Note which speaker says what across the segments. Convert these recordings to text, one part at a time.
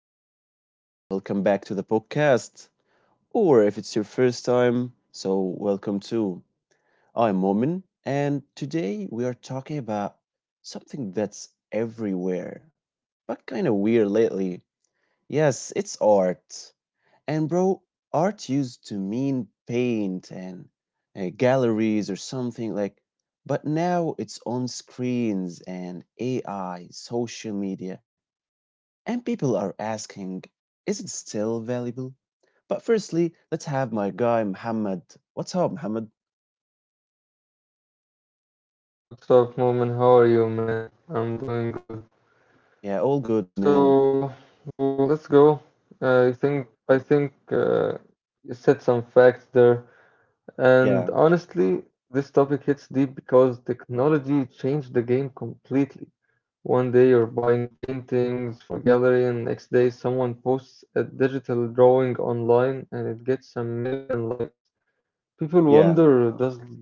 Speaker 1: up? And welcome back to the podcast. Or if it's your first time, so welcome too. I'm Momin, and today we are talking about something that's everywhere, but kind of weird lately. Yes, it's art. And bro, art used to mean paint and galleries or something like, but now it's on screens and AI, social media and people are asking, is it still valuable? But firstly, let's have my guy Muhammad. What's up, Muhammad?
Speaker 2: What's up, Moment? How are you, man? I'm doing good. So let's
Speaker 1: Yeah, all
Speaker 2: go.
Speaker 1: good, man.
Speaker 2: I think I think you said some facts there, and honestly, this topic hits
Speaker 1: Yeah,
Speaker 2: deep because technology changed the game completely. One day you're buying paintings from a gallery, and next day someone posts a digital drawing online and it gets a million likes. People wonder, does likes
Speaker 1: yeah.
Speaker 2: equal value now?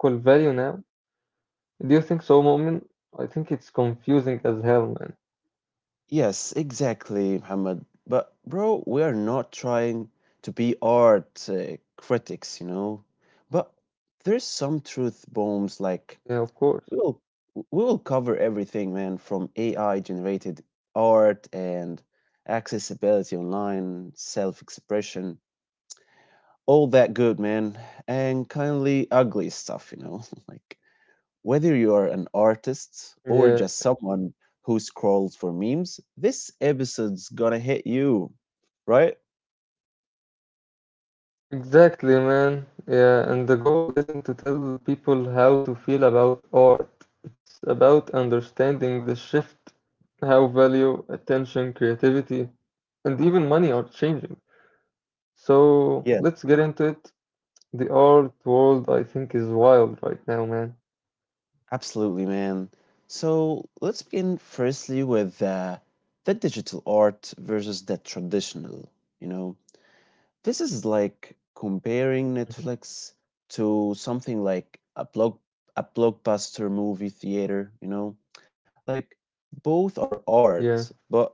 Speaker 2: Do you think so, Mu'min? I think it's confusing as hell, man.
Speaker 1: Yes, exactly, Muhammad. But bro, we are not trying to be art critics, But there's some
Speaker 2: Yeah, of
Speaker 1: truth
Speaker 2: course.
Speaker 1: bombs like we will we will cover everything, man, from AI generated art and accessibility online, self-expression, all that good man, and kindly ugly stuff, you know, like whether you're an
Speaker 2: Yeah,
Speaker 1: artist or just someone who scrolls for memes, this episode's gonna hit you right.
Speaker 2: exactly, man. Yeah, and the goal isn't to tell people how to feel about art. It's about understanding the shift, how value, attention, creativity, and even money are changing. So let's get into it.
Speaker 1: Yes,
Speaker 2: The art world, I think, is wild right now, man.
Speaker 1: absolutely man. So let's begin firstly with the digital art versus the traditional, you know. This is like
Speaker 2: Mhm.
Speaker 1: comparing Netflix to something like a blockbuster movie theater, you know? Like
Speaker 2: Yeah,
Speaker 1: both are art, but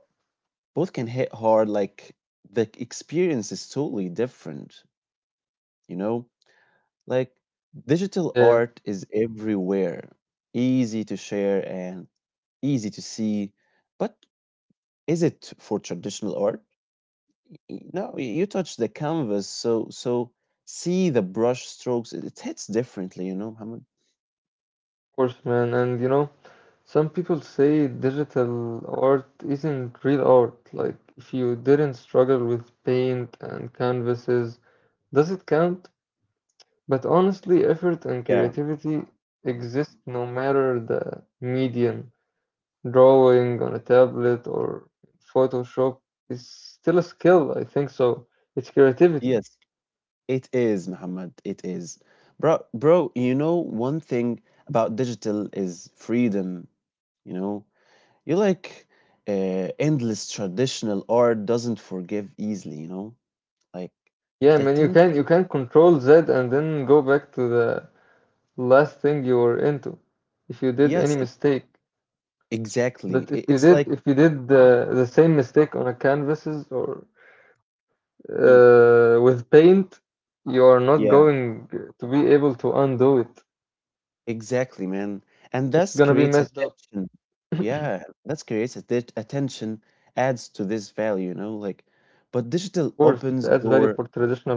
Speaker 1: both can hit hard. Like the experience is totally different, you know? Like
Speaker 2: yeah, of
Speaker 1: digital art is everywhere, easy to share and easy to see, but is it for traditional art? No, you touch the canvas, so see the brush strokes. It hits differently, you know, Muhammad.
Speaker 2: course, man. And you know, some people say digital art isn't real art. Like, if you didn't struggle with paint and canvases, does it count? But honestly, effort and
Speaker 1: Yeah.
Speaker 2: creativity exist no matter the medium. Drawing on a tablet or Photoshop is still a skill, I think so. It's creativity.
Speaker 1: Yes, it is, Muhammad. It is, bro. Bro, you know one thing about digital is freedom. You know, you like endless traditional art doesn't forgive easily. You know, like
Speaker 2: Yeah,
Speaker 1: the
Speaker 2: man, you can
Speaker 1: tension.
Speaker 2: you can control Z and then go back to the last thing you were into if you did any
Speaker 1: Yes, e-
Speaker 2: mistake.
Speaker 1: exactly.
Speaker 2: But if you
Speaker 1: It's
Speaker 2: did
Speaker 1: like.
Speaker 2: if you did the same mistake on a canvases or
Speaker 1: Mm.
Speaker 2: with paint, you are not
Speaker 1: Yeah.
Speaker 2: going to be able to undo it.
Speaker 1: Exactly, man. And
Speaker 2: It's
Speaker 1: thus
Speaker 2: gonna be
Speaker 1: creates
Speaker 2: messed up. Of
Speaker 1: attention. Yeah, that's creates attention, adds to this value, you know, like, but
Speaker 2: course, it
Speaker 1: digital
Speaker 2: adds value
Speaker 1: opens
Speaker 2: for
Speaker 1: door.
Speaker 2: traditional art.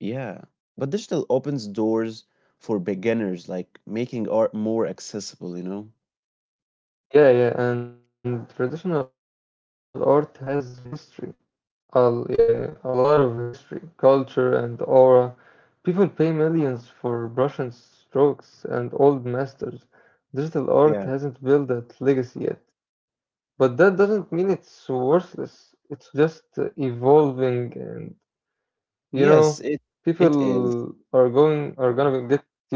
Speaker 1: Yeah, but digital opens doors for beginners, like making art more accessible, you know?
Speaker 2: Yeah, yeah, and traditional art has history. A lot of history, culture, and aura. People pay millions for brush and strokes and old masters. Digital art
Speaker 1: Yeah.
Speaker 2: hasn't built that legacy yet. But that doesn't mean it's worthless. It's just evolving, and you know,
Speaker 1: Yes, it
Speaker 2: people
Speaker 1: it
Speaker 2: are
Speaker 1: is.
Speaker 2: going are gonna get used to it.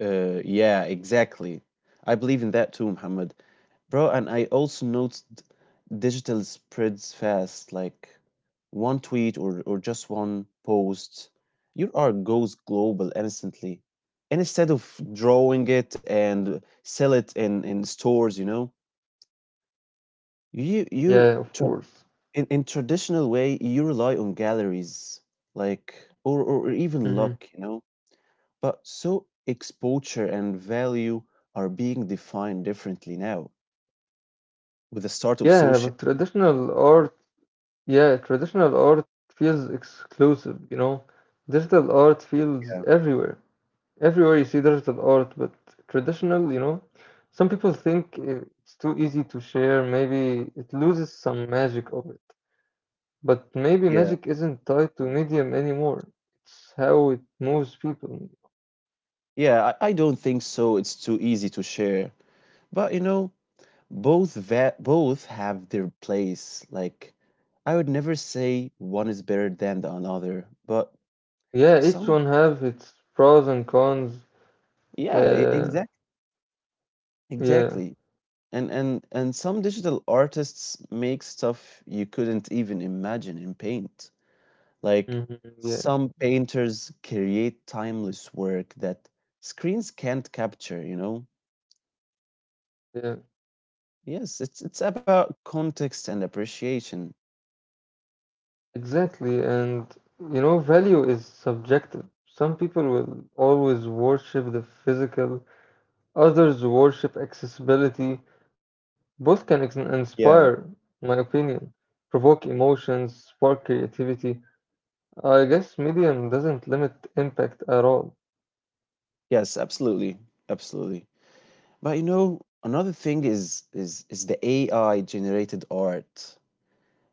Speaker 1: Yeah, exactly. I believe in that too, Muhammad. Bro, and I also noticed digital spreads fast, like one tweet, or just one post. Your art goes global instantly. And instead of drawing it and sell it in stores, you know, you you
Speaker 2: Yeah, of
Speaker 1: tra-
Speaker 2: course.
Speaker 1: in traditional way you rely on galleries, like, or even
Speaker 2: Hmm.
Speaker 1: luck, you know. But so exposure and value are being defined differently now with the start of
Speaker 2: Yeah,
Speaker 1: social.
Speaker 2: but traditional art feels exclusive, you know. Digital art feels
Speaker 1: Yeah,
Speaker 2: everywhere. Everywhere you see digital art, but traditional, you know, some people think it's too easy to share. Maybe it loses some magic of it. But maybe
Speaker 1: yeah,
Speaker 2: magic isn't tied to medium anymore. It's how it moves people.
Speaker 1: yeah. I don't think so. It's too easy to share. But you know, both have their place. Like, I would never say one is better than the another. But
Speaker 2: Yeah, each
Speaker 1: some,
Speaker 2: one have its pros and cons.
Speaker 1: yeah,
Speaker 2: Uh,
Speaker 1: exactly,
Speaker 2: yeah,
Speaker 1: exactly. And and some digital artists make stuff you couldn't even imagine in paint.
Speaker 2: hmm
Speaker 1: Like
Speaker 2: yeah,
Speaker 1: some painters create timeless work that screens can't capture, you know?
Speaker 2: yeah,
Speaker 1: Yes, it's about context and appreciation.
Speaker 2: exactly. And you know, value is subjective. Some people will always worship the physical, others worship accessibility. Both can
Speaker 1: Yeah.
Speaker 2: inspire, in my opinion, provoke emotions, spark creativity. I guess medium doesn't limit impact at all.
Speaker 1: Yes, absolutely. Absolutely. But you know, another thing is the AI generated art.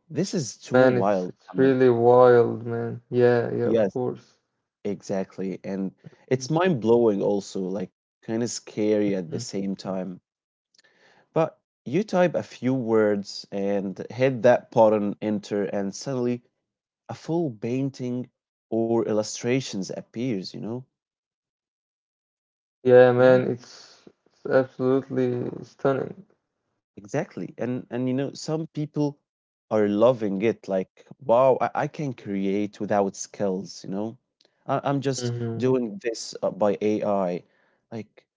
Speaker 1: This is too
Speaker 2: Man, it's
Speaker 1: wild.
Speaker 2: it's
Speaker 1: Ahmed.
Speaker 2: really wild, man. Yeah, yeah, of
Speaker 1: Yes,
Speaker 2: course.
Speaker 1: exactly. And it's mind blowing also, like kind of scary at the
Speaker 2: Mhm.
Speaker 1: same time. But you type a few words and hit that button enter and suddenly a full painting or illustrations appears, you know?
Speaker 2: Yeah,
Speaker 1: Yeah,
Speaker 2: man, it's absolutely stunning.
Speaker 1: exactly. And you know, some people are loving it like, wow, I can create without skills, you know? I'm just
Speaker 2: Mm-hmm.
Speaker 1: doing this by AI. Like,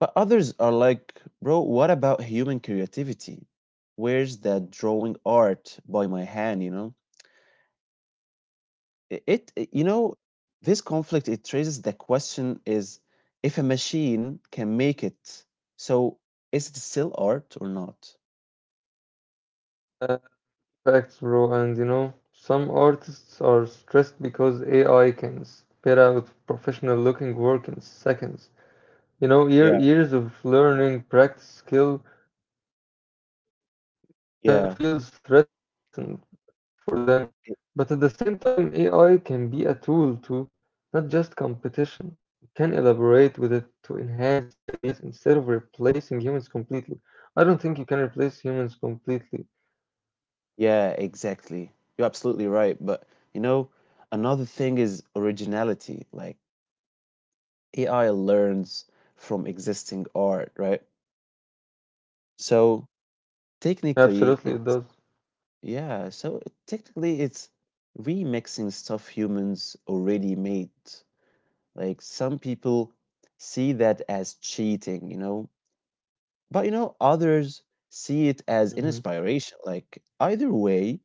Speaker 1: but others are like, bro, what about human creativity? Where's that drawing art by my hand, you know? You know, this conflict it raises the question is, if a machine can make it, so is it still art or not?
Speaker 2: Uh, facts, bro, and you know, some artists are stressed because AI can spit out professional looking work in seconds. You know,
Speaker 1: Yeah.
Speaker 2: years of learning, practice, skill, kinda feels
Speaker 1: yeah
Speaker 2: threatened for them. But at the
Speaker 1: i-
Speaker 2: same time, AI can be a tool too, not just competition. You can elaborate with it to enhance ideas instead of replacing humans completely. I don't think you can replace humans completely.
Speaker 1: yeah, exactly, you're absolutely right. But you know, another thing is originality. Like AI learns from existing art, right? So technically
Speaker 2: Absolutely, it
Speaker 1: it's,
Speaker 2: does.
Speaker 1: yeah, so technically it's remixing stuff humans already made. Like some people see that as cheating, you know, but you know, others see it as an inspiration. Like either way,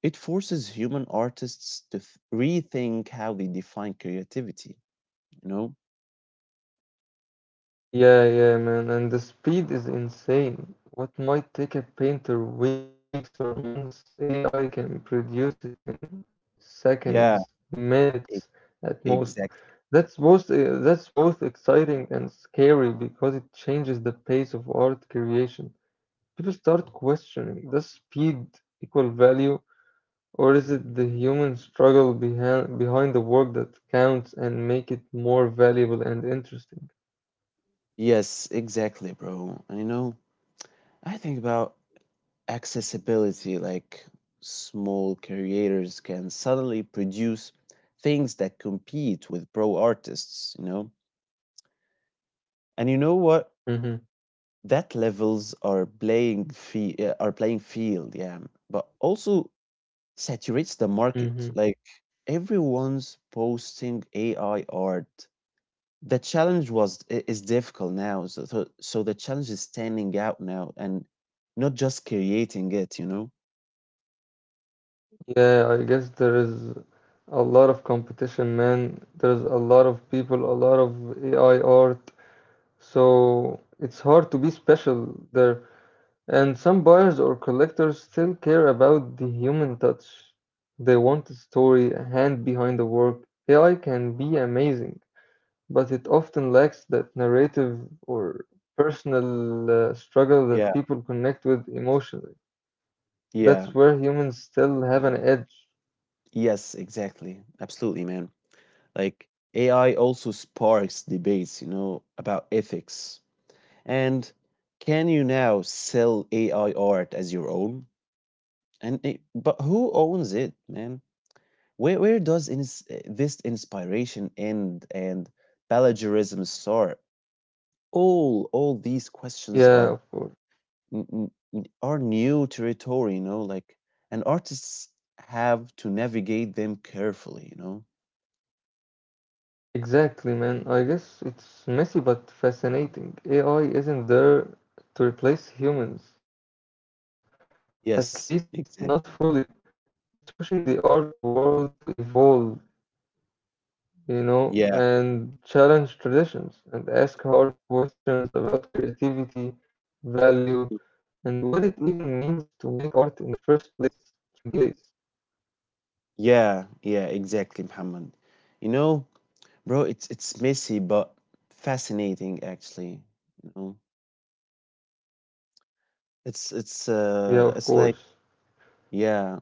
Speaker 1: it forces human artists to rethink how they define creativity, you know?
Speaker 2: Yeah, yeah, man. And the speed is insane. What might take a painter weeks or months, AI can produce it in
Speaker 1: Yeah,
Speaker 2: seconds,
Speaker 1: e-
Speaker 2: minutes at most.
Speaker 1: exactly.
Speaker 2: That's both exciting and scary because it changes the pace of art creation. People start questioning, does speed equal value, or is it the human struggle behind the work that counts and make it more valuable and interesting?
Speaker 1: Yes, exactly, bro. And you know, I think about accessibility, like small creators can suddenly produce things that compete with pro artists, you know, and you know what,
Speaker 2: Mm-hmm.
Speaker 1: that levels our playing field, yeah, but also saturates the
Speaker 2: Mm-hmm.
Speaker 1: market, like everyone's posting AI art. The challenge was I- is difficult now so, so so the challenge is standing out now and not just creating it, you know.
Speaker 2: Yeah, I guess there is a lot of competition, man. There's a lot of people, a lot of AI art, so it's hard to be special there. And some buyers or collectors still care about the human touch. They want a story, a hand behind the work. AI can be amazing, but it often lacks that narrative or personal struggle that
Speaker 1: Yeah,
Speaker 2: people connect with emotionally.
Speaker 1: yeah.
Speaker 2: That's where humans still have an edge.
Speaker 1: Yes, exactly. Absolutely, man. Like AI also sparks debates, you know, about ethics. And can you now sell AI art as your own? And it, but who owns it, man? Where does this inspiration end and plagiarism start? All these questions
Speaker 2: Yeah,
Speaker 1: are
Speaker 2: of course.
Speaker 1: n- n- n- are new territory, you know, like, and artists have to navigate them carefully, you know.
Speaker 2: Exactly, man. I guess it's messy but fascinating. AI isn't there to replace humans, at least not
Speaker 1: Yes,
Speaker 2: fully.
Speaker 1: exactly.
Speaker 2: It's pushing the art world to evolve, you know, and challenge
Speaker 1: Yeah,
Speaker 2: traditions and ask hard questions about creativity, value, and what it even means to make art in the first place.
Speaker 1: yeah, yeah, exactly, Muhammad. You know, bro, it's messy but fascinating actually. You know, it's it's
Speaker 2: Yeah,
Speaker 1: uh
Speaker 2: of
Speaker 1: it's like,
Speaker 2: course.
Speaker 1: yeah,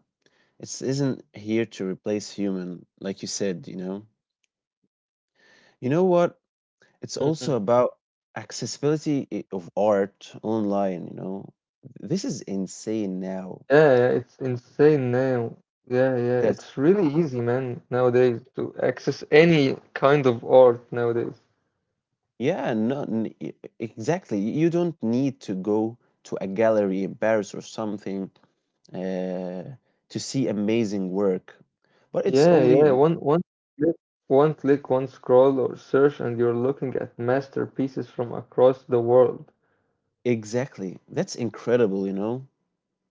Speaker 1: it's isn't here to replace human, like you said, you know. You know what? It's also about accessibility of art online, you know. This is insane now.
Speaker 2: Yeah, yeah, it's insane now. Yeah, yeah,
Speaker 1: Yes.
Speaker 2: it's really easy, man, nowadays to access any kind of art nowadays.
Speaker 1: Yeah, no, n- e- exactly. You don't need to go to a gallery in Paris or something uh, to see amazing work. But it's only
Speaker 2: Yeah, yeah, one click, one click, one scroll or search, and you're looking at masterpieces from across the world.
Speaker 1: exactly. That's incredible, you know.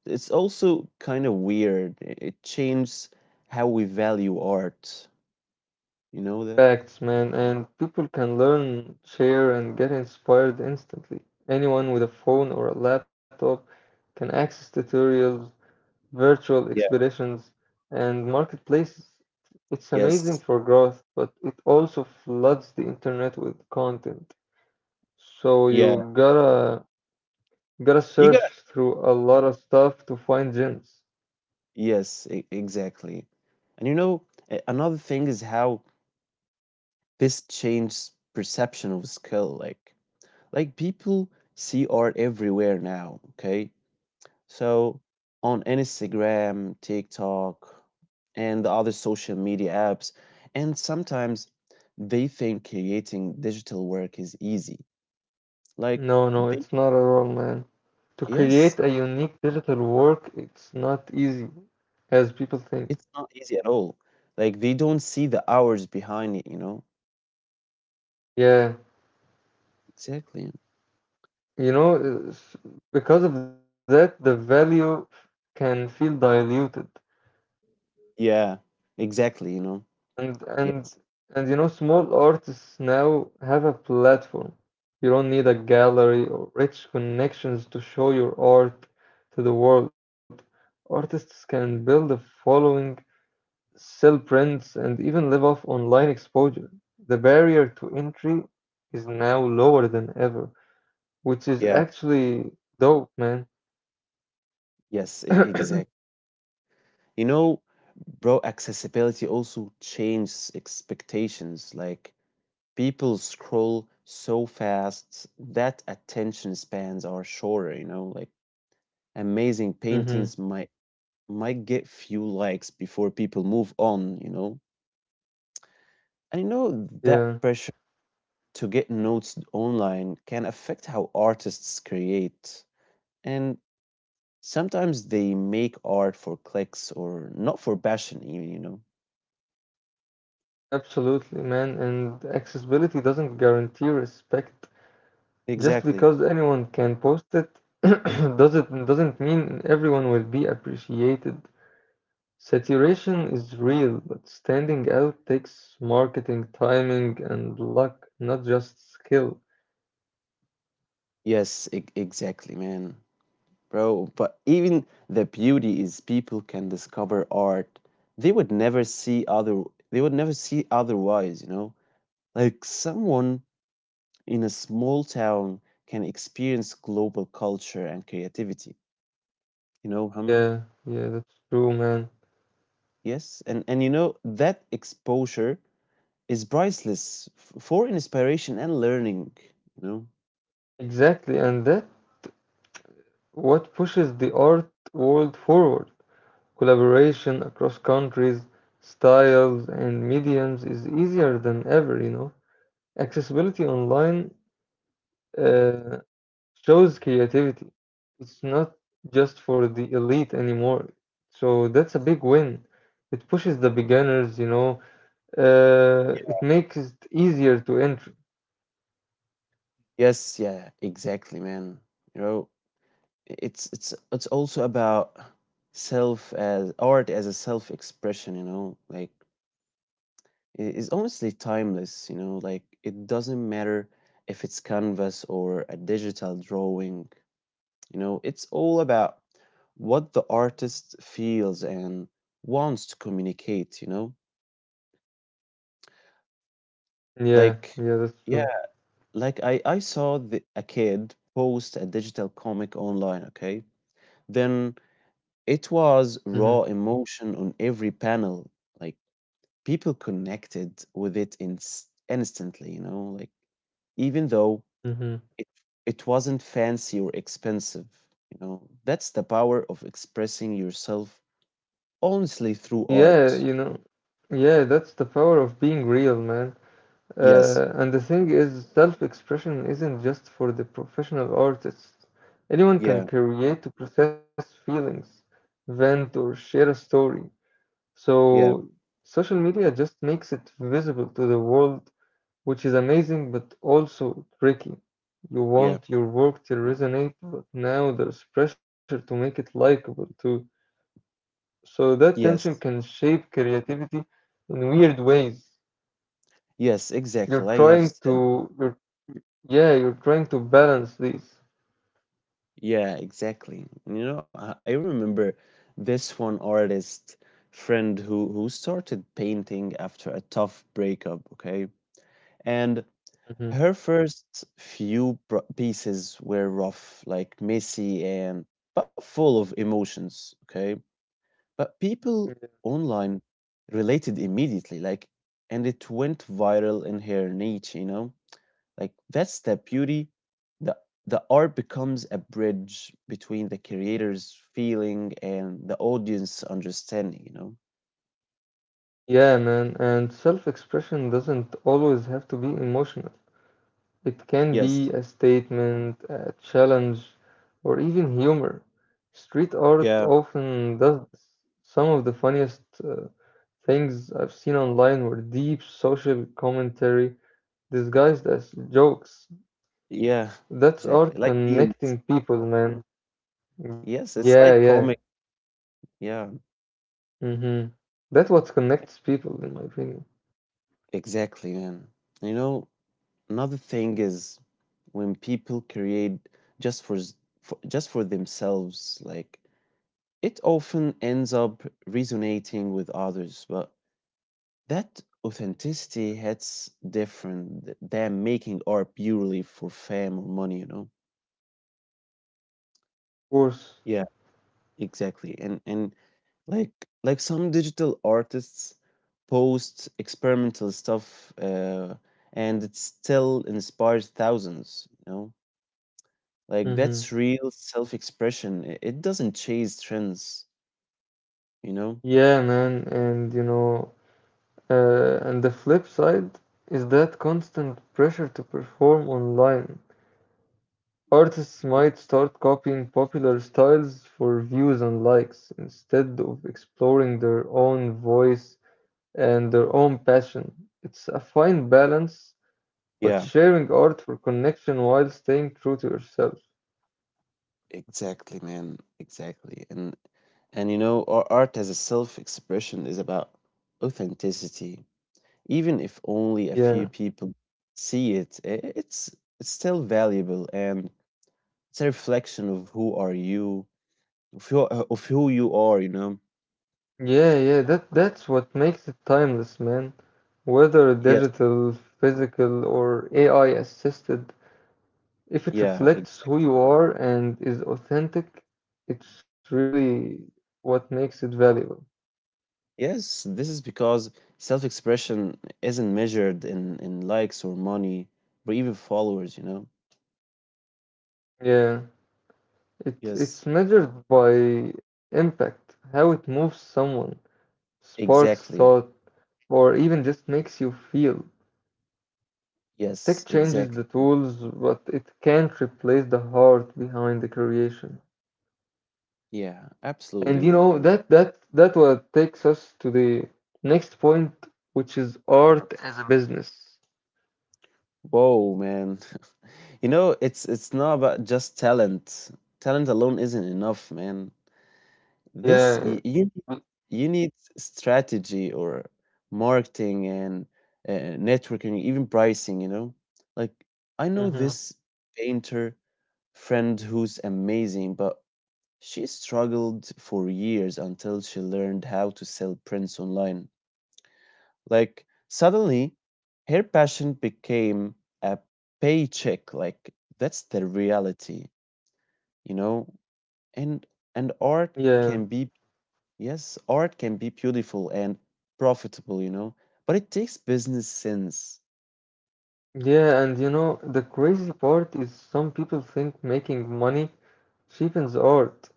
Speaker 1: It's also kind of weird. It changes how we value art. You know that?
Speaker 2: Facts, man, and people can learn, share, and get inspired instantly. Anyone with a phone or a laptop can access tutorials, virtual
Speaker 1: Yeah.
Speaker 2: exhibitions, and marketplaces. It's amazing
Speaker 1: Yes.
Speaker 2: for growth, but it also floods the internet with content. So
Speaker 1: Yeah.
Speaker 2: you gotta
Speaker 1: You.
Speaker 2: search through a lot of stuff to find gems.
Speaker 1: Exactly. And you know, another thing is how this changes perception of skill. Like people see art everywhere now. Okay, so on Instagram, TikTok, and the other social media apps, and sometimes they think creating digital work is easy. Like,
Speaker 2: No, no,
Speaker 1: they,
Speaker 2: it's not at all, man. To create
Speaker 1: yes,
Speaker 2: a unique digital work, it's not easy, as people think.
Speaker 1: it's not easy at all. Like they don't see the hours behind it. You know,
Speaker 2: Yeah,
Speaker 1: exactly.
Speaker 2: you know, it's- because of that, the value can feel diluted.
Speaker 1: Yeah, exactly, you know.
Speaker 2: And and
Speaker 1: Yes.
Speaker 2: and you know, small artists now have a platform. You don't need a gallery or rich connections to show your art to the world. Artists can build a following, sell prints, and even live off online exposure. The barrier to entry is now lower than ever, which is
Speaker 1: Yeah.
Speaker 2: actually dope, man.
Speaker 1: Exact. You know, bro, accessibility also changes expectations. Like people scroll so fast that attention spans are shorter, you know, like amazing
Speaker 2: Mm-hmm.
Speaker 1: paintings might get few likes before people move on, you know. And you know
Speaker 2: Yeah,
Speaker 1: that pressure to get notes online can affect how artists create. And sometimes they make art for clicks or not for passion, even, you know.
Speaker 2: absolutely, man. And accessibility doesn't guarantee respect. Just
Speaker 1: Exactly.
Speaker 2: because anyone can post it doesn't mean everyone will be appreciated. Saturation is real, but standing out takes marketing, timing, and luck, not just skill.
Speaker 1: Exactly, man. Bro, but even the beauty is people can discover art they would never see other they would never see otherwise, you know? Like someone in a small town can experience global culture and creativity. You know, Muhammad?
Speaker 2: Yeah, yeah, that's true, man.
Speaker 1: Yes, and you know that exposure is priceless for inspiration and learning, you know?
Speaker 2: Exactly, and that what pushes the art world forward. Collaboration across countries, styles, and mediums is easier than ever, you know. Accessibility online uh, shows creativity. It's not just for the elite anymore. So that's a big win. It pushes the beginners, you know, it makes it easier to enter.
Speaker 1: Yes, yeah, exactly, man. You know, it's it's also about self as art as a self-expression, you know, like it is honestly timeless, you know, like it doesn't matter if it's canvas or a digital drawing, you know, it's all about what the artist feels and wants to communicate, you know?
Speaker 2: Yeah,
Speaker 1: Like
Speaker 2: yeah, that's
Speaker 1: yeah,
Speaker 2: true.
Speaker 1: like I saw a kid post a digital comic online, okay? Then it was
Speaker 2: Hmm.
Speaker 1: raw emotion on every panel. Like people connected with it in instantly, you know, like even though
Speaker 2: Hmm.
Speaker 1: it it wasn't fancy or expensive, you know. That's the power of expressing yourself honestly through
Speaker 2: Yeah,
Speaker 1: art.
Speaker 2: you know, yeah, that's the power of being real, man.
Speaker 1: Yes.
Speaker 2: And the thing is, self-expression isn't just for the professional artists. Anyone
Speaker 1: Yeah.
Speaker 2: can create to process feelings, vent, or share a story. So
Speaker 1: Yeah.
Speaker 2: social media just makes it visible to the world, which is amazing but also tricky. You
Speaker 1: Yeah.
Speaker 2: want your work to resonate, but now there's pressure to make it likable too. So that tension can
Speaker 1: Yes.
Speaker 2: shape creativity in weird ways.
Speaker 1: Yes,
Speaker 2: You're
Speaker 1: exactly. Like you
Speaker 2: trying
Speaker 1: have said.
Speaker 2: to, you're, yeah, you're trying to balance these.
Speaker 1: Yeah, exactly. And you know, I remember this one artist friend who started painting after a tough breakup, okay? And
Speaker 2: Mhm.
Speaker 1: her first few pieces were rough, like messy and but full of emotions, okay? But people online related immediately, like, and it went viral in her niche, you know? Like that's the beauty. The the art becomes a bridge between the creator's feeling and the audience understanding, you know?
Speaker 2: Yeah, man, and self-expression doesn't always have to be emotional. It can
Speaker 1: Yes.
Speaker 2: be a statement, a challenge, or even humor. Street art
Speaker 1: Yeah.
Speaker 2: often does this. Some of the funniest things I've seen online were deep social commentary disguised as jokes.
Speaker 1: Yeah,
Speaker 2: That's
Speaker 1: exactly.
Speaker 2: art
Speaker 1: Like memes.
Speaker 2: connecting people, man. Yeah,
Speaker 1: Yes, it's
Speaker 2: yeah.
Speaker 1: like comic. Yeah,
Speaker 2: Mm-hmm. That's what connects people, in my opinion. Of
Speaker 1: exactly, man. You know, another thing is when people create just for, s- for just for themselves, like it often ends up resonating with others, but that authenticity hits different than making art purely for fame or money, you know?
Speaker 2: course.
Speaker 1: Yeah, exactly. And like like some digital artists post experimental stuff and it still inspires thousands, you know? Like
Speaker 2: Mm-hmm.
Speaker 1: that's real self-expression. It doesn't chase trends, you know?
Speaker 2: Yeah, man. And you know, and the flip side is that constant pressure to perform online. Artists might start copying popular styles for views and likes instead of exploring their own voice and their own passion. It's a fine balance, but
Speaker 1: Yeah.
Speaker 2: sharing art for connection while staying true to yourself.
Speaker 1: Exactly, man. Exactly. And you know, our art as a self-expression is about authenticity. Even if only a few
Speaker 2: Yeah.
Speaker 1: people see it, it's it's still valuable and it's a reflection of who are you, of who you are, you know.
Speaker 2: Yeah, that's what makes it timeless, man. Whether
Speaker 1: Yes,
Speaker 2: digital, physical, or AI assisted, if it
Speaker 1: yeah,
Speaker 2: reflects
Speaker 1: exactly.
Speaker 2: who you are and is authentic, it's really what makes it valuable.
Speaker 1: Yes, this is because self-expression isn't measured in likes or money or even followers, you know.
Speaker 2: Yeah, it
Speaker 1: Yes,
Speaker 2: it's measured by impact, how it moves someone, sparks
Speaker 1: exactly.
Speaker 2: thought, or even just makes you feel.
Speaker 1: Yes,
Speaker 2: Tech changes
Speaker 1: exactly.
Speaker 2: the tools, but it can't replace the heart behind the creation.
Speaker 1: Yeah,
Speaker 2: And you
Speaker 1: absolutely,
Speaker 2: know
Speaker 1: man.
Speaker 2: that what takes us to the next point, which is art as a business.
Speaker 1: Whoa, man. You know, it's not about just talent. Talent alone isn't enough, man. This
Speaker 2: Yeah.
Speaker 1: you you, you need strategy or marketing and networking, even pricing, you know? Like I know
Speaker 2: Mm-hmm.
Speaker 1: this painter friend who's amazing, but she struggled for years until she learned how to sell prints online. Like suddenly her passion became a paycheck. Like that's the reality, you know? And and art
Speaker 2: Yeah,
Speaker 1: can be yes, art can be beautiful and profitable, you know, but it takes business sense.
Speaker 2: yeah, and you know, the crazy part is some people think making money cheapens art.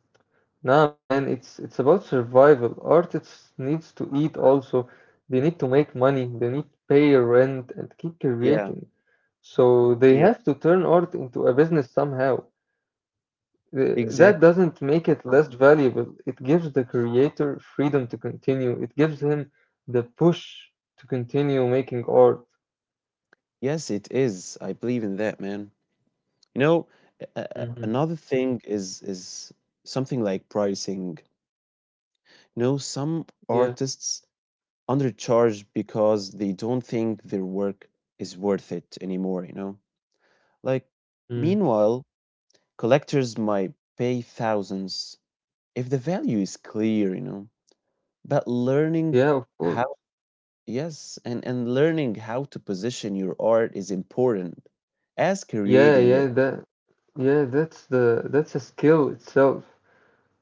Speaker 2: Nah, man, it's about survival. Artists needs to eat also. They need to make money, they need to pay rent and keep
Speaker 1: Yeah,
Speaker 2: creating. So they
Speaker 1: yeah,
Speaker 2: have to turn art into a business somehow. That
Speaker 1: exactly.
Speaker 2: doesn't make it less valuable. It gives the creator freedom to continue. It gives him the push to continue making art.
Speaker 1: Yes, it is. I believe in that, man. You know,
Speaker 2: Hmm.
Speaker 1: another thing is something like pricing. You know, some
Speaker 2: Yeah.
Speaker 1: artists undercharged because they don't think their work is worth it anymore, you know? Like, meanwhile, collectors might pay thousands if the value is clear, you know? But learning
Speaker 2: Yeah, of course.
Speaker 1: how, yes, and learning how to position your art is important as
Speaker 2: Yeah,
Speaker 1: creating it.
Speaker 2: yeah, that that's a skill itself.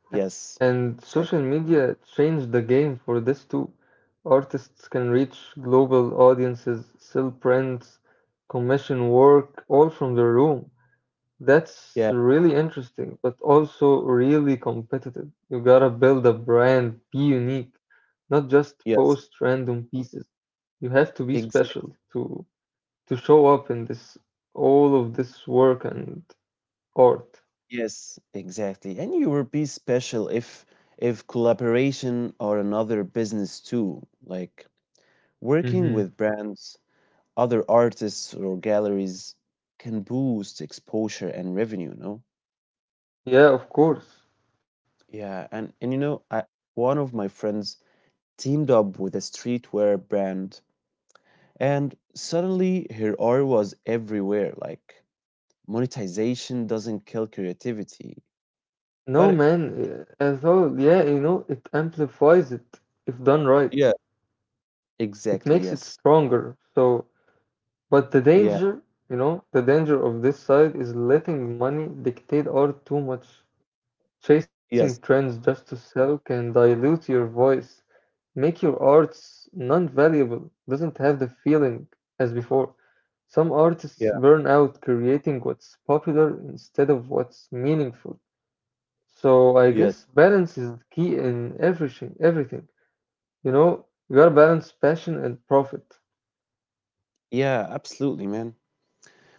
Speaker 1: Yes,
Speaker 2: And
Speaker 1: exactly.
Speaker 2: social media changed the game for this too. Artists can reach global audiences, sell prints, commission work, all from their room. That's
Speaker 1: Yeah,
Speaker 2: really interesting, but also really competitive. You gotta build a brand, be unique, not just
Speaker 1: yes,
Speaker 2: post random pieces. You have to be
Speaker 1: exactly.
Speaker 2: special to show up in this all of this work and art.
Speaker 1: Yes, exactly. And you will be special if collaboration or another business too. Like working
Speaker 2: Mm-hmm.
Speaker 1: with brands, other artists, or galleries can boost exposure and revenue, you know?
Speaker 2: Yeah, of course.
Speaker 1: Yeah, and you know, one of my friends teamed up with a streetwear brand, and suddenly her art was everywhere. Like, monetization doesn't kill creativity,
Speaker 2: No,
Speaker 1: but
Speaker 2: man, as though, yeah, you know, it amplifies it if done right.
Speaker 1: yeah,
Speaker 2: It
Speaker 1: exactly,
Speaker 2: makes it
Speaker 1: yes.
Speaker 2: stronger. So, but the
Speaker 1: Yeah,
Speaker 2: danger, you know, the danger of this side is letting money dictate art too much. Chasing
Speaker 1: yes,
Speaker 2: trends just to sell can dilute your voice, make your arts non-valuable, doesn't have the feeling as before. Some
Speaker 1: yeah,
Speaker 2: artists burn out creating what's popular instead of what's meaningful. So I
Speaker 1: yes,
Speaker 2: guess balance is the key in everything. You know, you
Speaker 1: yeah.
Speaker 2: gotta balance passion and profit.
Speaker 1: Yeah, absolutely, man.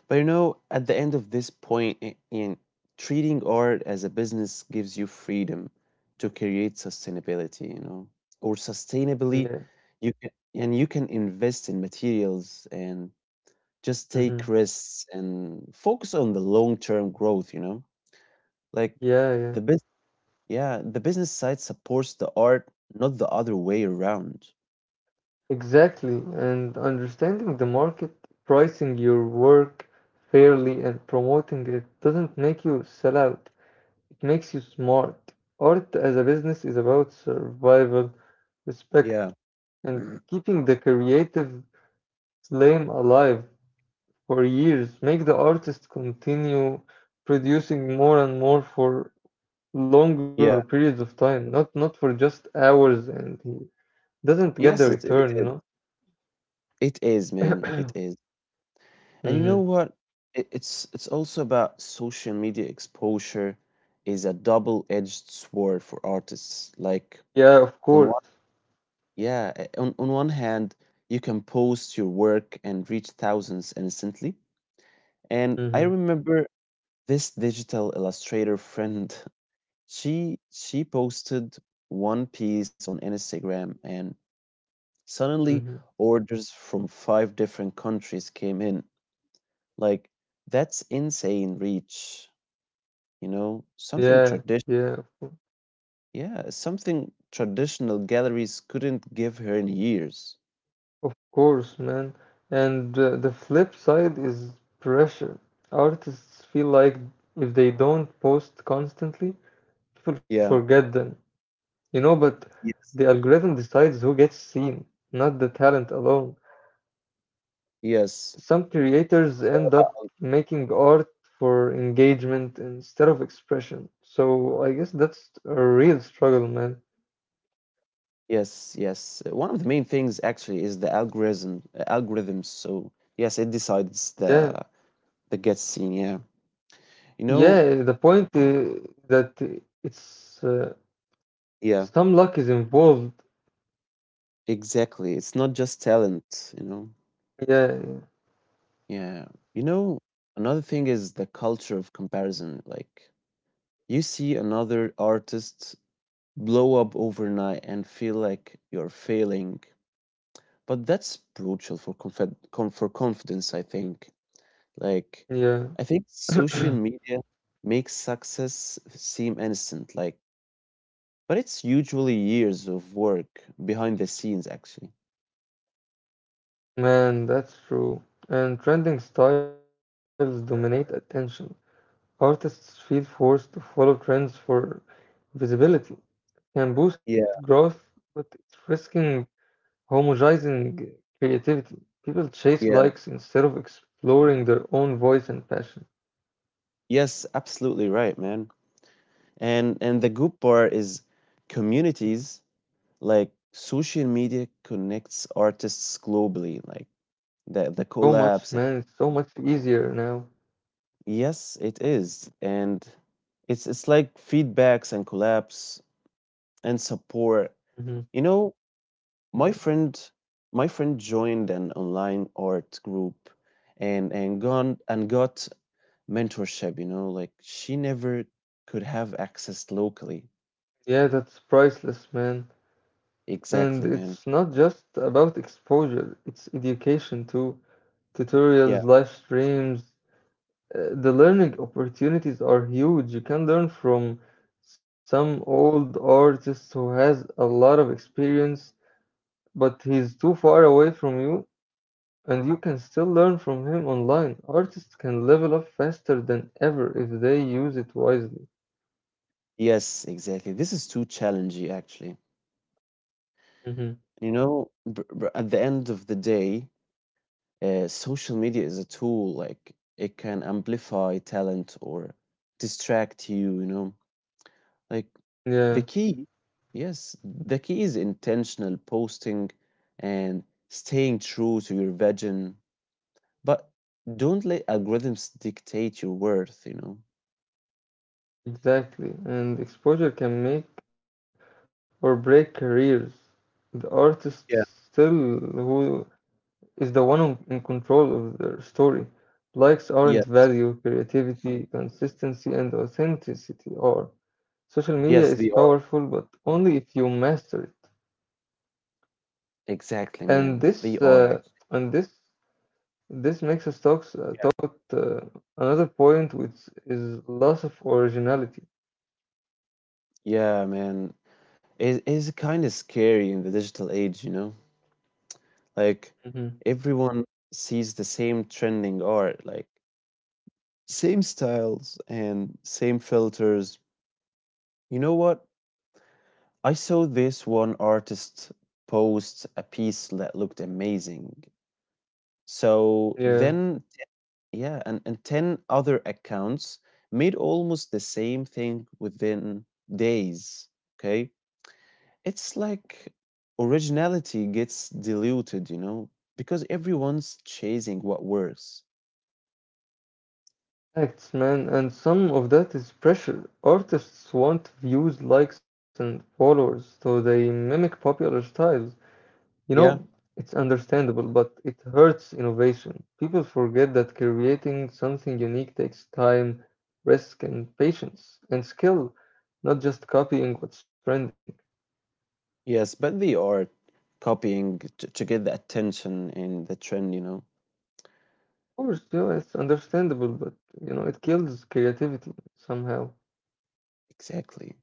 Speaker 1: But you know, at the end of this point, I- in treating art as a business gives you freedom to create sustainability, you know, or sustainably,
Speaker 2: Yeah.
Speaker 1: you can invest in materials and just take
Speaker 2: Hmm.
Speaker 1: risks and focus on the long term growth, you know, like
Speaker 2: Yeah, yeah.
Speaker 1: the business. Yeah, the business side supports the art, not the other way around.
Speaker 2: Exactly, and understanding the market, pricing your work fairly, and promoting it doesn't make you sell out, it makes you smart. Art as a business is about survival, respect,
Speaker 1: Yeah.
Speaker 2: and keeping the creative flame alive for years. Make the artist continue producing more and more for longer
Speaker 1: Yeah.
Speaker 2: periods of time, not for just hours, and he doesn't get the
Speaker 1: It is.
Speaker 2: return.
Speaker 1: It is, man. It is. And you know
Speaker 2: Mhm.
Speaker 1: what? It's also about social media exposure is a double-edged sword for artists.
Speaker 2: Yeah, of
Speaker 1: On
Speaker 2: course.
Speaker 1: on one hand, you can post your work and reach thousands instantly. And I
Speaker 2: Mm-hmm.
Speaker 1: remember this digital illustrator friend, she posted one piece on Instagram and suddenly
Speaker 2: Mm-hmm.
Speaker 1: orders from five different countries came in. Like that's insane reach, you know, something
Speaker 2: Yeah,
Speaker 1: tradition
Speaker 2: yeah,
Speaker 1: yeah, something traditional galleries couldn't give her in years.
Speaker 2: of course, man. And the flip side is pressure. Artists feel like if they don't post constantly, people
Speaker 1: Yeah.
Speaker 2: forget them, but the
Speaker 1: Yes.
Speaker 2: algorithm decides who gets seen, not the talent alone.
Speaker 1: Yes.
Speaker 2: Some creators
Speaker 1: It's all
Speaker 2: end
Speaker 1: about
Speaker 2: up making art for engagement instead of expression. So I guess that's a real struggle, man.
Speaker 1: Yes, yes. One of the main things actually is the algorithms. So yes, it decides
Speaker 2: Yeah.
Speaker 1: the get scene. Yeah, you know.
Speaker 2: Yeah, the point that it's
Speaker 1: Yeah,
Speaker 2: some luck is involved.
Speaker 1: exactly. It's not just talent. You know.
Speaker 2: Yeah,
Speaker 1: Yeah, you know. Another thing is the culture of comparison. Like you see another artist blow up overnight and feel like you're failing, but that's brutal for confidence. I think. Like,
Speaker 2: yeah.
Speaker 1: I think social media makes success seem instant, like, but it's usually years of work behind the scenes, actually.
Speaker 2: Man, that's true. And trending styles dominate attention. Artists feel forced to follow trends for visibility. Can boost growth,
Speaker 1: Yeah,
Speaker 2: but it's risking homogenizing creativity. People chase likes instead
Speaker 1: yeah.
Speaker 2: of exploring their own voice and passion.
Speaker 1: Yes, absolutely right, man. And the good part is communities, like social media connects artists globally, like the
Speaker 2: So
Speaker 1: the
Speaker 2: much, man.
Speaker 1: collabs.
Speaker 2: It's so much easier now.
Speaker 1: Yes, it is. And it's like feedbacks and collabs and support.
Speaker 2: Mhm.
Speaker 1: You know, My friend, my friend joined an online art group and got mentorship, you know, like she never could have access locally.
Speaker 2: Yeah, that's priceless, man.
Speaker 1: Exactly,
Speaker 2: And
Speaker 1: man.
Speaker 2: it's not just about exposure, it's education too.
Speaker 1: Yeah.
Speaker 2: Tutorials, live streams, the learning opportunities are huge. You can learn from some old artist who has a lot of experience, but he's too far away from you, and you can still learn from him online. Artists can level up faster than ever if they use it wisely.
Speaker 1: Yes, exactly. This is too challenging, actually.
Speaker 2: Hmm.
Speaker 1: You know, br br at the end of the day, social media is a tool. Like it can amplify talent or distract you, you know. Like the
Speaker 2: Yeah.
Speaker 1: key, yes, the key is intentional posting and staying true to your vision, but don't let algorithms dictate your worth, you know?
Speaker 2: Exactly, and exposure can make or break careers. The artist
Speaker 1: Yeah.
Speaker 2: still who who in control of their story. Likes aren't
Speaker 1: Yes.
Speaker 2: value, creativity, consistency, and authenticity are. Social media
Speaker 1: Yes,
Speaker 2: is
Speaker 1: they are.
Speaker 2: powerful, but only if you master it.
Speaker 1: Exactly, man.
Speaker 2: And
Speaker 1: They are actually.
Speaker 2: and this, this makes us
Speaker 1: Yeah.
Speaker 2: talk about another point, which is loss of originality.
Speaker 1: Yeah, man. It is kind of scary in the digital age, you know? Like
Speaker 2: Hmm.
Speaker 1: everyone sees the same trending art, like same styles and same filters. You know what? I saw this one artist post a piece that looked amazing. So
Speaker 2: Yeah.
Speaker 1: then, yeah, and 10 other accounts made almost the same thing within days. Okay. It's like originality gets diluted, you know, because everyone's chasing what works.
Speaker 2: Facts, man, and some of that is pressure. Artists want views, likes, and followers, so they mimic popular styles. You know,
Speaker 1: Yeah.
Speaker 2: it's understandable, but it hurts innovation. People forget that creating something unique takes time, risk, and patience, and skill, not just copying what's trending.
Speaker 1: Yes, but they are copying to get the attention and the trend, you know.
Speaker 2: Of course, you know, it's understandable, but you know, it kills creativity somehow.
Speaker 1: Exactly.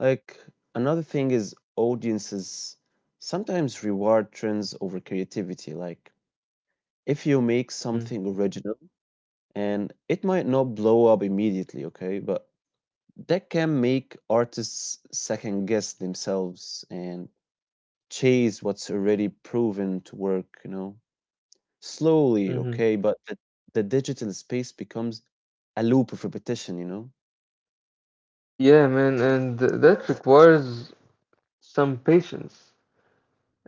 Speaker 1: Like another thing is audiences sometimes reward trends over creativity. Like if you make
Speaker 2: Mm-hmm.
Speaker 1: something original and it might not blow up immediately, okay, but that can make artists second guess themselves and chase what's already proven to work, you know, slowly,
Speaker 2: Mm-hmm.
Speaker 1: okay, but the digital space becomes a loop of repetition, you know?
Speaker 2: Yeah, man, and that requires some patience.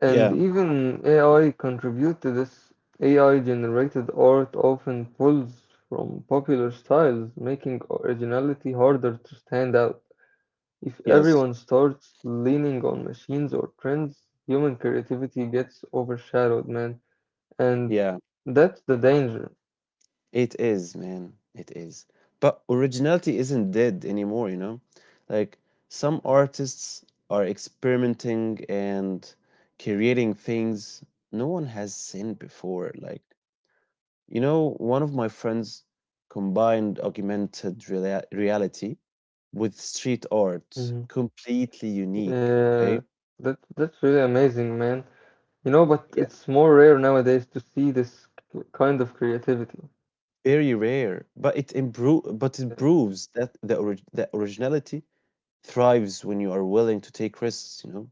Speaker 2: And
Speaker 1: Yeah,
Speaker 2: even AI contribute to this. AI generated art often pulls from popular styles, making originality harder to stand out. If
Speaker 1: yes,
Speaker 2: everyone starts leaning on machines or trends, human creativity gets overshadowed, man. And
Speaker 1: yeah.
Speaker 2: that's the danger.
Speaker 1: It is, man. It is. But originality isn't dead anymore, you know? Like, some artists are experimenting and creating things no one has seen before. Like, you know, one of my friends combined reality with street art,
Speaker 2: Mhm.
Speaker 1: completely unique,
Speaker 2: Yeah,
Speaker 1: okay?
Speaker 2: that's really amazing, man. You know, but it's more
Speaker 1: Yes.
Speaker 2: rare nowadays to see this kind of creativity.
Speaker 1: Very rare, but it proves that originality thrives when you are willing to take risks, you know?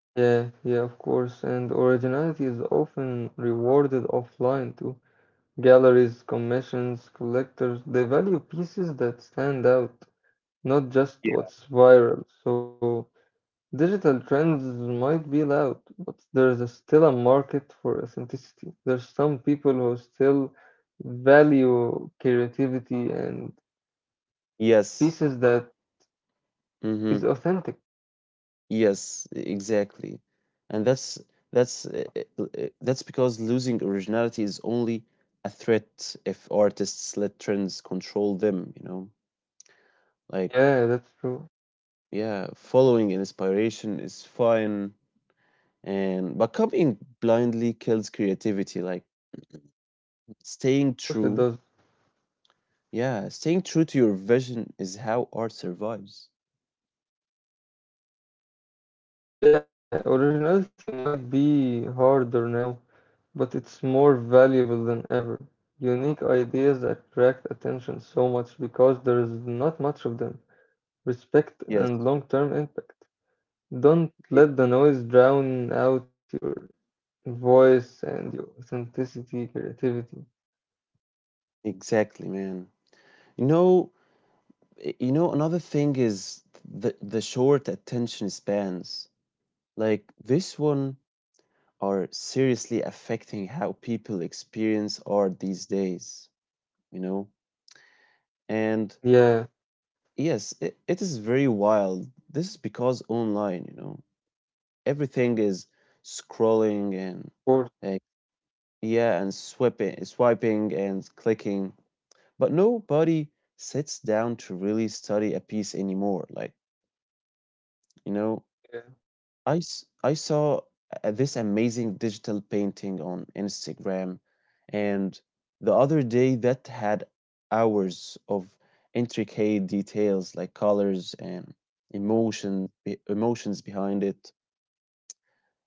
Speaker 2: Yeah, yeah, of course. And originality is often rewarded offline too. Galleries, commissions, collectors, they value pieces that stand out, not just
Speaker 1: Yeah.
Speaker 2: what's viral. So digital trends might be loud, but there's still a market for authenticity. There's some people who still value creativity and
Speaker 1: Yes.
Speaker 2: pieces that is
Speaker 1: Mhm.
Speaker 2: authentic.
Speaker 1: Yes, exactly. And that's uh, that's because losing originality is only a threat if artists let trends control them, you know? Like,
Speaker 2: Yeah, that's true. Of
Speaker 1: yeah, following inspiration is fine and but copying blindly kills creativity. Like staying
Speaker 2: course it
Speaker 1: true,
Speaker 2: does.
Speaker 1: yeah, staying true to your vision is how art survives.
Speaker 2: Yeah, originality might be harder now, but it's more valuable than ever. Unique ideas attract attention so much because there is not much of them. Respect
Speaker 1: Yes,
Speaker 2: and long term impact. Don't
Speaker 1: e-
Speaker 2: let the noise drown out your voice and your authenticity, creativity.
Speaker 1: exactly, man. You know, you know, another thing is the short attention spans. Like this one are seriously affecting how people experience art these days, you know?
Speaker 2: Yeah,
Speaker 1: And
Speaker 2: of
Speaker 1: it is very wild. This is because online, you know, everything is scrolling and
Speaker 2: course.
Speaker 1: uh, yeah, and swiping and clicking. But nobody sits down to really study a piece anymore. Like, you know,
Speaker 2: Yeah,
Speaker 1: I saw this amazing digital painting on Instagram, and the other day that had hours of intricate details like colors and emotions behind it.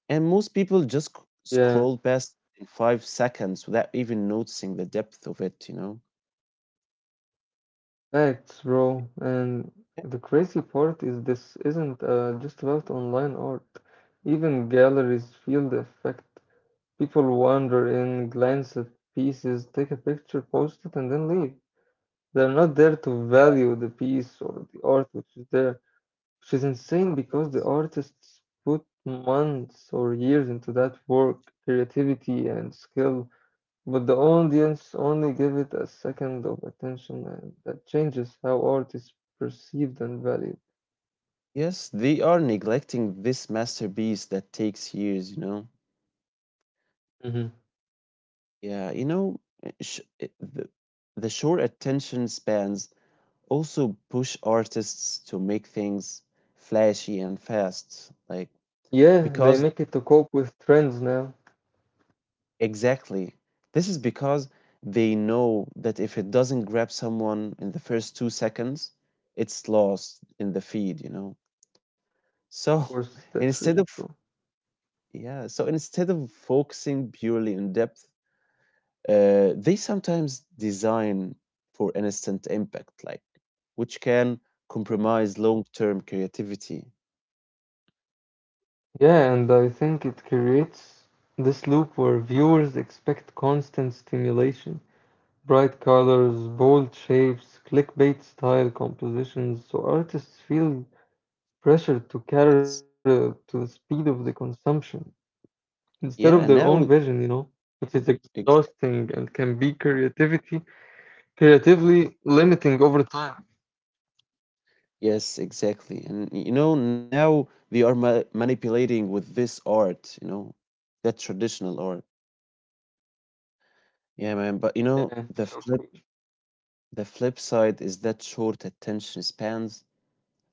Speaker 1: And most people just
Speaker 2: yeah.
Speaker 1: scroll past in 5 seconds without even noticing the depth of it, you know?
Speaker 2: Facts, bro. And the crazy part is this isn't just about online art. Even galleries feel the effect. People wander in, glance at pieces, take a picture, post it, and then leave. They're not there to value the piece or the art which is there, which is insane because
Speaker 1: Yes.
Speaker 2: the artists put months or years into that work, creativity and skill, but the audience only give it a second of attention, and that changes how art is perceived and valued.
Speaker 1: Yes, they are neglecting this masterpiece that takes years, you know?
Speaker 2: Mhm.
Speaker 1: Yeah, you know, uh, sh- uh, the, the short attention spans also push artists to make things flashy and fast. Like,
Speaker 2: Yeah,
Speaker 1: because
Speaker 2: they make it to cope with trends now.
Speaker 1: exactly, this is because they know that if it doesn't grab someone in the first 2 seconds, it's lost in the feed, you know?
Speaker 2: Of
Speaker 1: So
Speaker 2: course, that's
Speaker 1: instead
Speaker 2: really
Speaker 1: of,
Speaker 2: true.
Speaker 1: yeah, so instead of focusing purely on depth, they sometimes design for instant impact, like which can compromise long-term creativity.
Speaker 2: Yeah, and I think it creates this loop where viewers expect constant stimulation, bright colors, bold shapes, clickbait style compositions, so artists feel pressured to cater
Speaker 1: Yes.
Speaker 2: to the speed of the consumption instead of
Speaker 1: Yeah,
Speaker 2: their own
Speaker 1: now
Speaker 2: vision, you know, which is
Speaker 1: ex-
Speaker 2: exhausting and can be creativity creatively limiting over time.
Speaker 1: yes, exactly. And you know, now they are manipulating with this art, you know, that traditional art. Yeah, man,
Speaker 2: Yeah,
Speaker 1: but you
Speaker 2: yeah,
Speaker 1: know,
Speaker 2: of
Speaker 1: the flip side is that short attention spans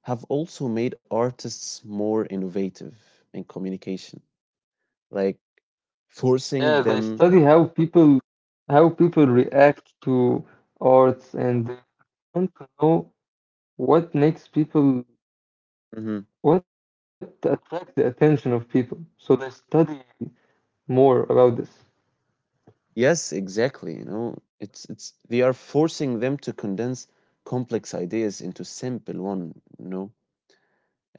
Speaker 1: have also made artists more innovative in communication, like forcing
Speaker 2: Yeah, they
Speaker 1: them.
Speaker 2: study how people react to arts and they want to know what makes people
Speaker 1: Mhm.
Speaker 2: what attract the attention of people. So they study more about this.
Speaker 1: Yes, exactly. You know, it's they are forcing them to condense complex ideas into simple one, you know,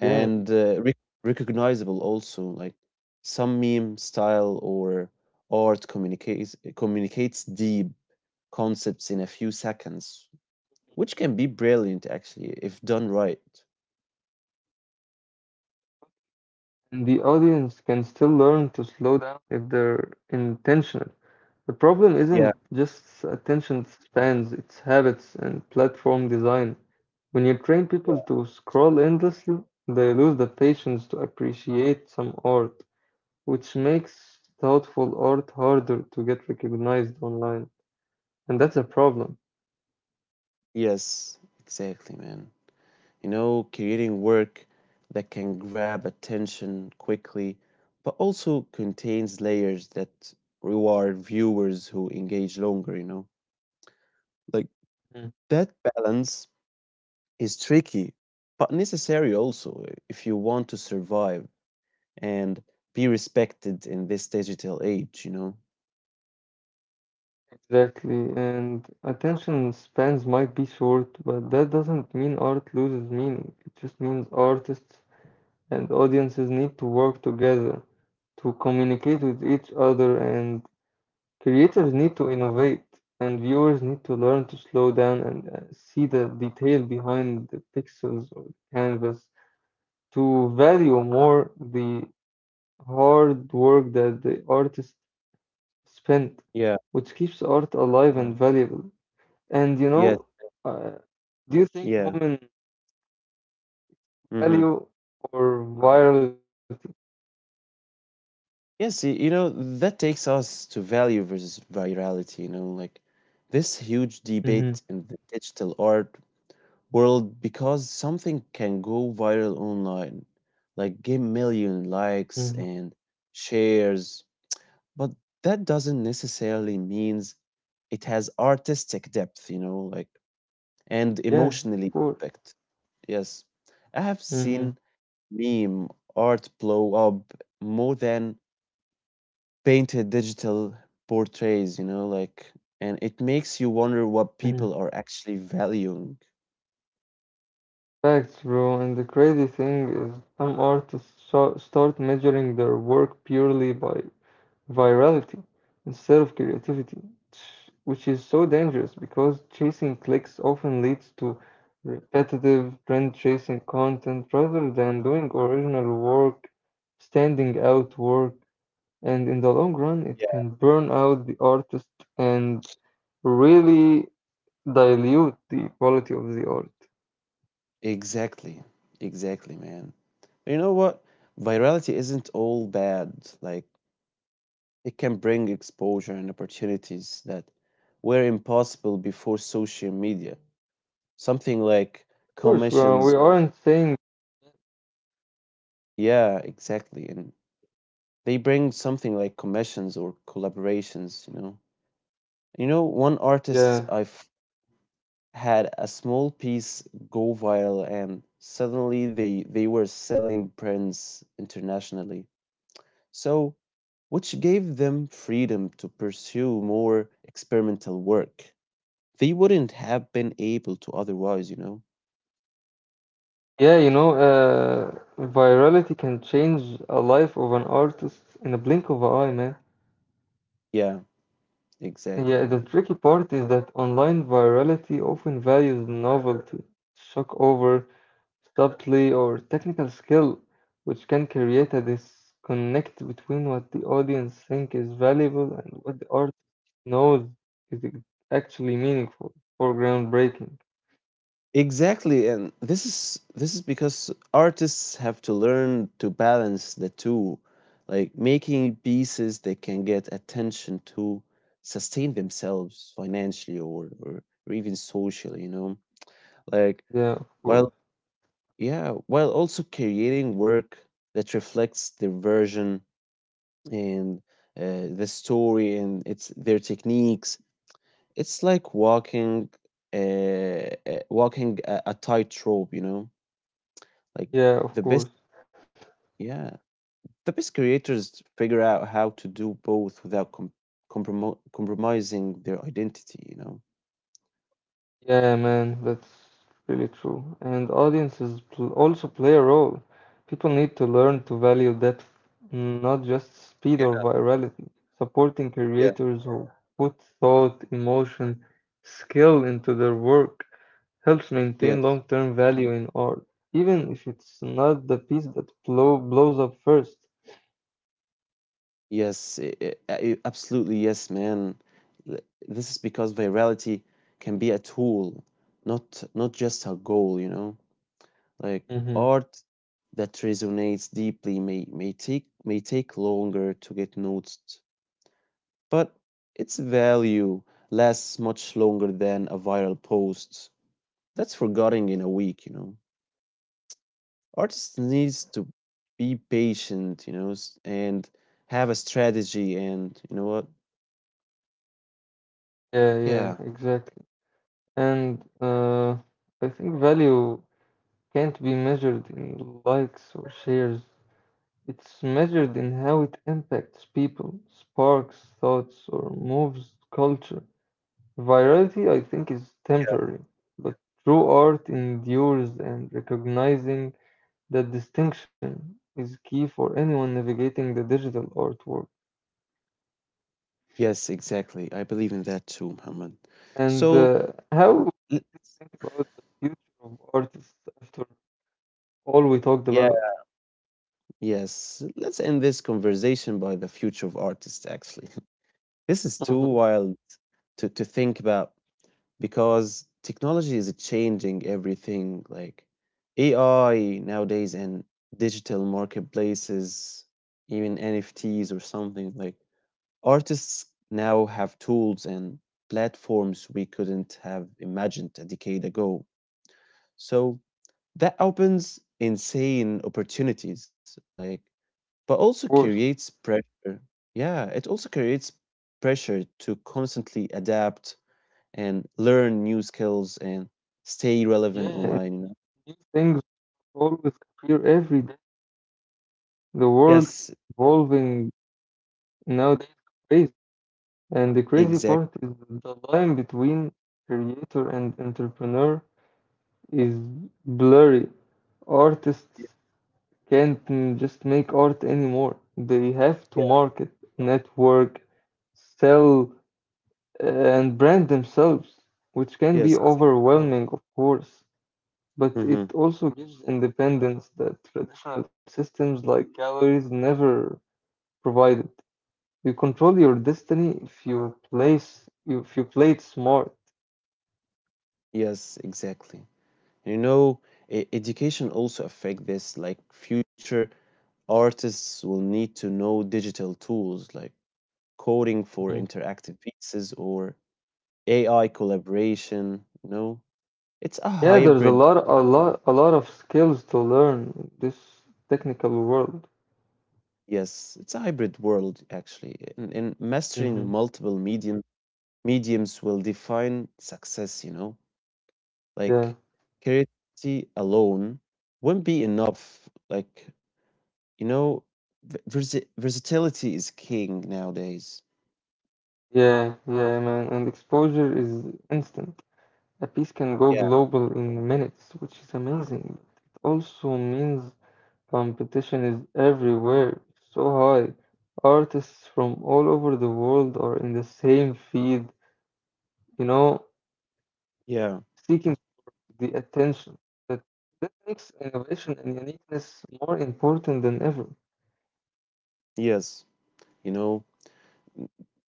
Speaker 1: and
Speaker 2: Yeah.
Speaker 1: uh, rec recognizable also, like some meme style or art communicates deep concepts in a few seconds which can be brilliant actually if done right.
Speaker 2: And the audience can still learn to slow down if they're intentional. The problem
Speaker 1: Yeah,
Speaker 2: isn't just attention spans, it's habits and platform design. When you train
Speaker 1: yeah.
Speaker 2: people to scroll endlessly, they lose the patience to appreciate some art, which makes thoughtful art harder to get recognized online. And that's a problem.
Speaker 1: Yes, exactly, man. You know, creating work that can grab attention quickly, but also contains layers that reward viewers who engage longer, you know? Like
Speaker 2: Mm.
Speaker 1: that balance is tricky, but necessary also if you want to survive and be respected in this digital age, you know?
Speaker 2: Exactly. And attention spans might be short, but that doesn't mean art loses meaning. It just means artists and audiences need to work together to communicate with each other and creators need to innovate, and viewers need to learn to slow down and see the detail behind the pixels or canvas to value more the hard work that the artist spent,
Speaker 1: Yeah.
Speaker 2: which keeps art alive and valuable. And you
Speaker 1: Yes,
Speaker 2: know, uh, do you think
Speaker 1: yeah.
Speaker 2: moment
Speaker 1: Mm-hmm.
Speaker 2: value or virality?
Speaker 1: Yes, you know, that takes us to value versus virality, you know, like this huge
Speaker 2: Mm-hmm,
Speaker 1: debate in the digital art world because something can go viral online, like get million likes
Speaker 2: mm-hmm.
Speaker 1: and shares, but that doesn't necessarily means it has artistic depth, you know, like and
Speaker 2: Yeah, of
Speaker 1: emotionally
Speaker 2: course.
Speaker 1: impact. Yes. I have
Speaker 2: Mm-hmm.
Speaker 1: seen meme art blow up more than painted digital portraits, you know, like, and it makes you wonder what people are actually valuing.
Speaker 2: Facts, bro. And the crazy thing is, some artists start measuring their work purely by virality instead of creativity, which is so dangerous because chasing clicks often leads to repetitive, trend chasing content rather than doing original work, standing out work, and in the long run,
Speaker 1: Yeah.
Speaker 2: it can burn out the artist and really dilute the quality of the art.
Speaker 1: Exactly. Exactly, man. But you know what? Virality isn't all bad. Like, it can bring exposure and opportunities that were impossible before social media. Something like
Speaker 2: Of course,
Speaker 1: commissions.
Speaker 2: we aren't saying
Speaker 1: Yeah, exactly. And they bring something like commissions or collaborations, you know. You know, one artist
Speaker 2: Yeah,
Speaker 1: I had a small piece go viral and suddenly they were selling prints internationally. So, which gave them freedom to pursue more experimental work they wouldn't have been able to otherwise, you know?
Speaker 2: yeah, you know, virality can change a life of an artist in a blink of an eye, man.
Speaker 1: Yeah, exactly,
Speaker 2: Yeah, the
Speaker 1: man.
Speaker 2: tricky part is that online virality often values novelty, shock over, subtlety, or technical skill, which can create a disconnect between what the audience think is valuable and what the artist knows is actually meaningful or groundbreaking.
Speaker 1: Exactly, and this is because artists have to learn to balance the two, like making pieces they can get attention to sustain themselves financially or even socially, you know. Like
Speaker 2: Yeah, of course.
Speaker 1: while yeah, while also creating work that reflects their version and the story and its their techniques. It's like uh, walking a tightrope, you know. Like
Speaker 2: Yeah, of
Speaker 1: the
Speaker 2: course.
Speaker 1: best, yeah, the best creators figure out how to do both without compromising their identity. You know.
Speaker 2: Yeah, man, that's really true. And audiences also play a role. People need to learn to value depth, not just speed or
Speaker 1: Yeah,
Speaker 2: virality. Supporting
Speaker 1: yeah,
Speaker 2: creators who put thought, emotion, skill into their work helps maintain
Speaker 1: yes.
Speaker 2: long-term value in art, even if it's not the piece that blows up 1st.
Speaker 1: Yes, absolutely. Yes, man. Th- This is because virality can be a tool, not not just a goal. You know, like
Speaker 2: Mm-hmm.
Speaker 1: art that resonates deeply may take longer to get noticed but its value lasts much longer than a viral post that's forgotten in a week, you know. Artists needs to be patient, you know, and have a strategy and you know what,
Speaker 2: Yeah, yeah,
Speaker 1: yeah,
Speaker 2: exactly. And I think value can't be measured in likes or shares. It's measured in how it impacts people, sparks thoughts, or moves culture. Virality, I think, is temporary, but true art endures, and recognizing that distinction is key for anyone navigating the digital artwork.
Speaker 1: yes, exactly. I believe in that too, Muhammad.
Speaker 2: And
Speaker 1: So
Speaker 2: how we
Speaker 1: l-
Speaker 2: think about the future of artists after all we talked
Speaker 1: yeah,
Speaker 2: about?
Speaker 1: yes, let's end this conversation by the future of artists actually. This is
Speaker 2: Mhm.
Speaker 1: too
Speaker 2: Of
Speaker 1: wild to think about because technology is changing everything like AI nowadays and digital marketplaces, even NFTs or something like artists now have tools and platforms we couldn't have imagined a decade ago. So that opens insane opportunities like but also
Speaker 2: course.
Speaker 1: creates pressure. Yeah, it also creates pressure to constantly adapt and learn new skills and stay
Speaker 2: Yeah,
Speaker 1: relevant
Speaker 2: yeah, and
Speaker 1: online, you know?
Speaker 2: new things always appear every day. The world
Speaker 1: Yes,
Speaker 2: evolving nowadays is crazy, and the crazy
Speaker 1: exactly.
Speaker 2: part is the line between creator and entrepreneur is blurry. Artists can't just make art anymore. They have to
Speaker 1: Yeah.
Speaker 2: market, network, sell, and brand themselves, which can be
Speaker 1: Yes, exactly.
Speaker 2: overwhelming, of course, but it
Speaker 1: Hmm.
Speaker 2: also gives independence that traditional systems like galleries never provided. You control your destiny if you play it smart.
Speaker 1: Yes, exactly. You know, education also affect this. Like future artists will need to know digital tools like coding for
Speaker 2: Mhm.
Speaker 1: interactive pieces or AI collaboration. You know, it's a
Speaker 2: Yeah, there's
Speaker 1: hybrid.
Speaker 2: a lot of skills to learn in this technical world.
Speaker 1: Yes, it's a hybrid world actually, and mastering
Speaker 2: Hmm.
Speaker 1: multiple mediums will define success, you know?
Speaker 2: Yeah,
Speaker 1: Like creativity alone won't be enough. Like, you know, versatility is king nowadays.
Speaker 2: yeah, yeah, man. And exposure is instant. A piece can go
Speaker 1: Yeah.
Speaker 2: global in minutes, which is amazing. It also means competition is everywhere, so high. Artists from all over the world are in the same field, you know,
Speaker 1: Yeah.
Speaker 2: seeking the attention that that makes innovation and uniqueness more important than ever.
Speaker 1: Yes. You know,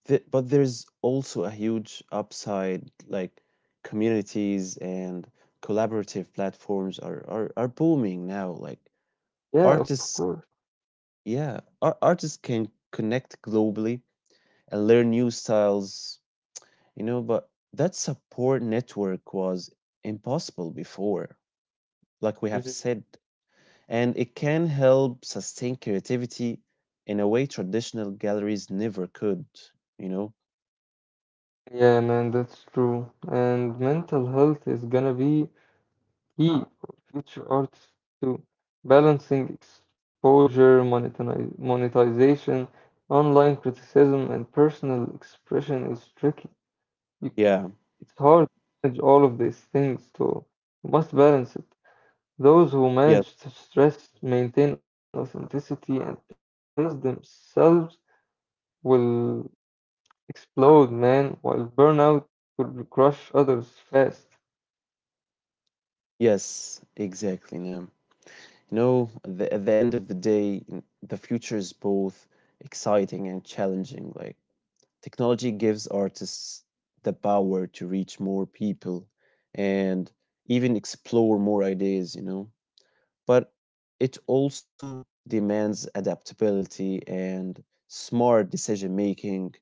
Speaker 1: but there's also a huge upside, like communities and collaborative platforms are booming now. Like
Speaker 2: Yeah,
Speaker 1: artists,
Speaker 2: of course.
Speaker 1: yeah, artists can connect globally and learn new styles. You know, but that support network was impossible before, like we have said,
Speaker 2: Mhm.
Speaker 1: and it can help sustain creativity in a way traditional galleries never could, you know?
Speaker 2: Yeah, man, that's true. And mental health is gonna be key for future artists too. Balancing exposure, monetize monetization, online criticism, and personal expression is tricky. You,
Speaker 1: Yeah,
Speaker 2: it's hard to manage all of these things, so you must balance it. Those who
Speaker 1: yes,
Speaker 2: manage to stress, maintain authenticity, and pace themselves will explode, man, while burnout could crush others fast.
Speaker 1: yes, exactly. Nam. You know, at the end of the day, the future is both exciting and challenging. Like, technology gives artists the power to reach more people and even explore more ideas, you know? But it also demands adaptability and smart decision making.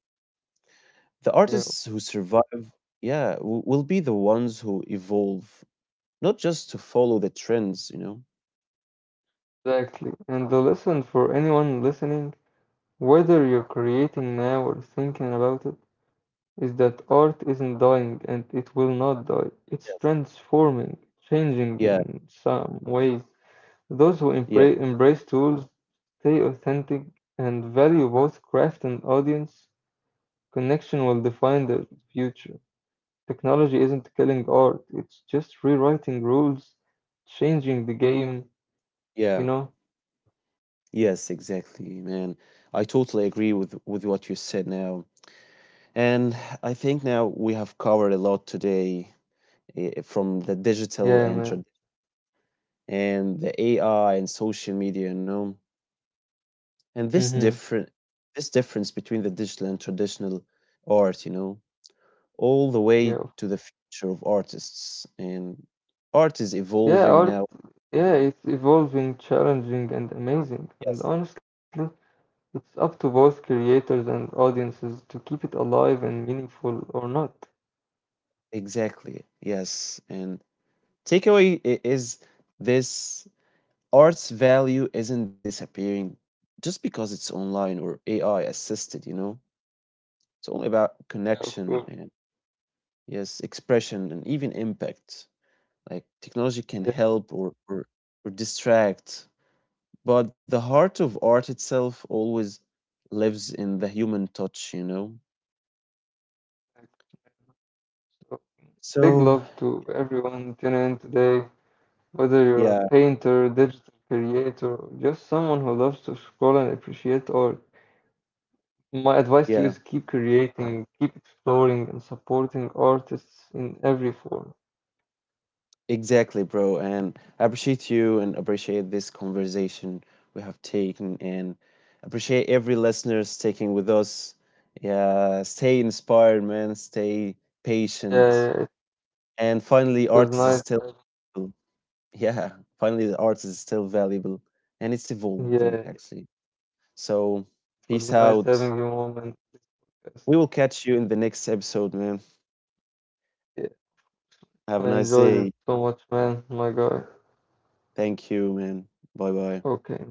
Speaker 1: The
Speaker 2: Yeah,
Speaker 1: artists who survive, will be the ones who evolve, not just to follow the trends, you know?
Speaker 2: exactly. And the lesson for anyone listening, whether you're creating now or thinking about it, is that art isn't dying and it will not die. It's
Speaker 1: Yes.
Speaker 2: transforming, changing
Speaker 1: Yeah,
Speaker 2: in some ways. Those who
Speaker 1: yeah,
Speaker 2: embrace tools, stay authentic and value both craft and audience connection will define the future. Technology isn't killing art, it's just rewriting rules, changing the game, you
Speaker 1: yeah.
Speaker 2: know?
Speaker 1: Yes, exactly, man. I totally agree with what you said now. And I think now we have covered a lot today, eh, from the
Speaker 2: Yeah,
Speaker 1: digital and
Speaker 2: man.
Speaker 1: the AI and social media, you know. And
Speaker 2: Mm-hmm.
Speaker 1: this difference between the digital and traditional art, you know, all the way
Speaker 2: Yeah.
Speaker 1: to the future of artists. And art is
Speaker 2: Yeah,
Speaker 1: evolving
Speaker 2: art,
Speaker 1: now.
Speaker 2: yeah, it's evolving, challenging, and amazing.
Speaker 1: Yes,
Speaker 2: And honestly, it's up to both creators and audiences to keep it alive and meaningful or not.
Speaker 1: exactly. Yes. And is this art's value isn't disappearing just because it's online or AI assisted, you know. It's all about
Speaker 2: Yeah, of course.
Speaker 1: connection and yes, expression and even impact. Like technology can
Speaker 2: Yeah.
Speaker 1: help or distract, but the heart of art itself always lives in the human touch, you know?
Speaker 2: Big
Speaker 1: So,
Speaker 2: love to everyone tuning in today, whether you're a
Speaker 1: yeah,
Speaker 2: painter, digital creator, or just someone who loves to scroll and appreciate art. My advice to you
Speaker 1: yeah,
Speaker 2: is keep creating, keep exploring, and supporting artists in every form.
Speaker 1: exactly, bro. And I appreciate you and appreciate this conversation we have taken and appreciate every listener sticking with us. Yeah, stay inspired, man. Stay
Speaker 2: Yeah,
Speaker 1: patient.
Speaker 2: yeah, it
Speaker 1: And finally,
Speaker 2: was nice.
Speaker 1: yeah, finally, the art is still valuable and it's evolving,
Speaker 2: Yeah, it
Speaker 1: actually. So, peace
Speaker 2: was nice
Speaker 1: out.
Speaker 2: having you, mom, and just,
Speaker 1: We will catch you in the next episode, man.
Speaker 2: yeah,
Speaker 1: Have a
Speaker 2: I
Speaker 1: nice
Speaker 2: enjoyed it
Speaker 1: day.
Speaker 2: so much, man. My God.
Speaker 1: Thank you, man. Bye bye.
Speaker 2: Okay.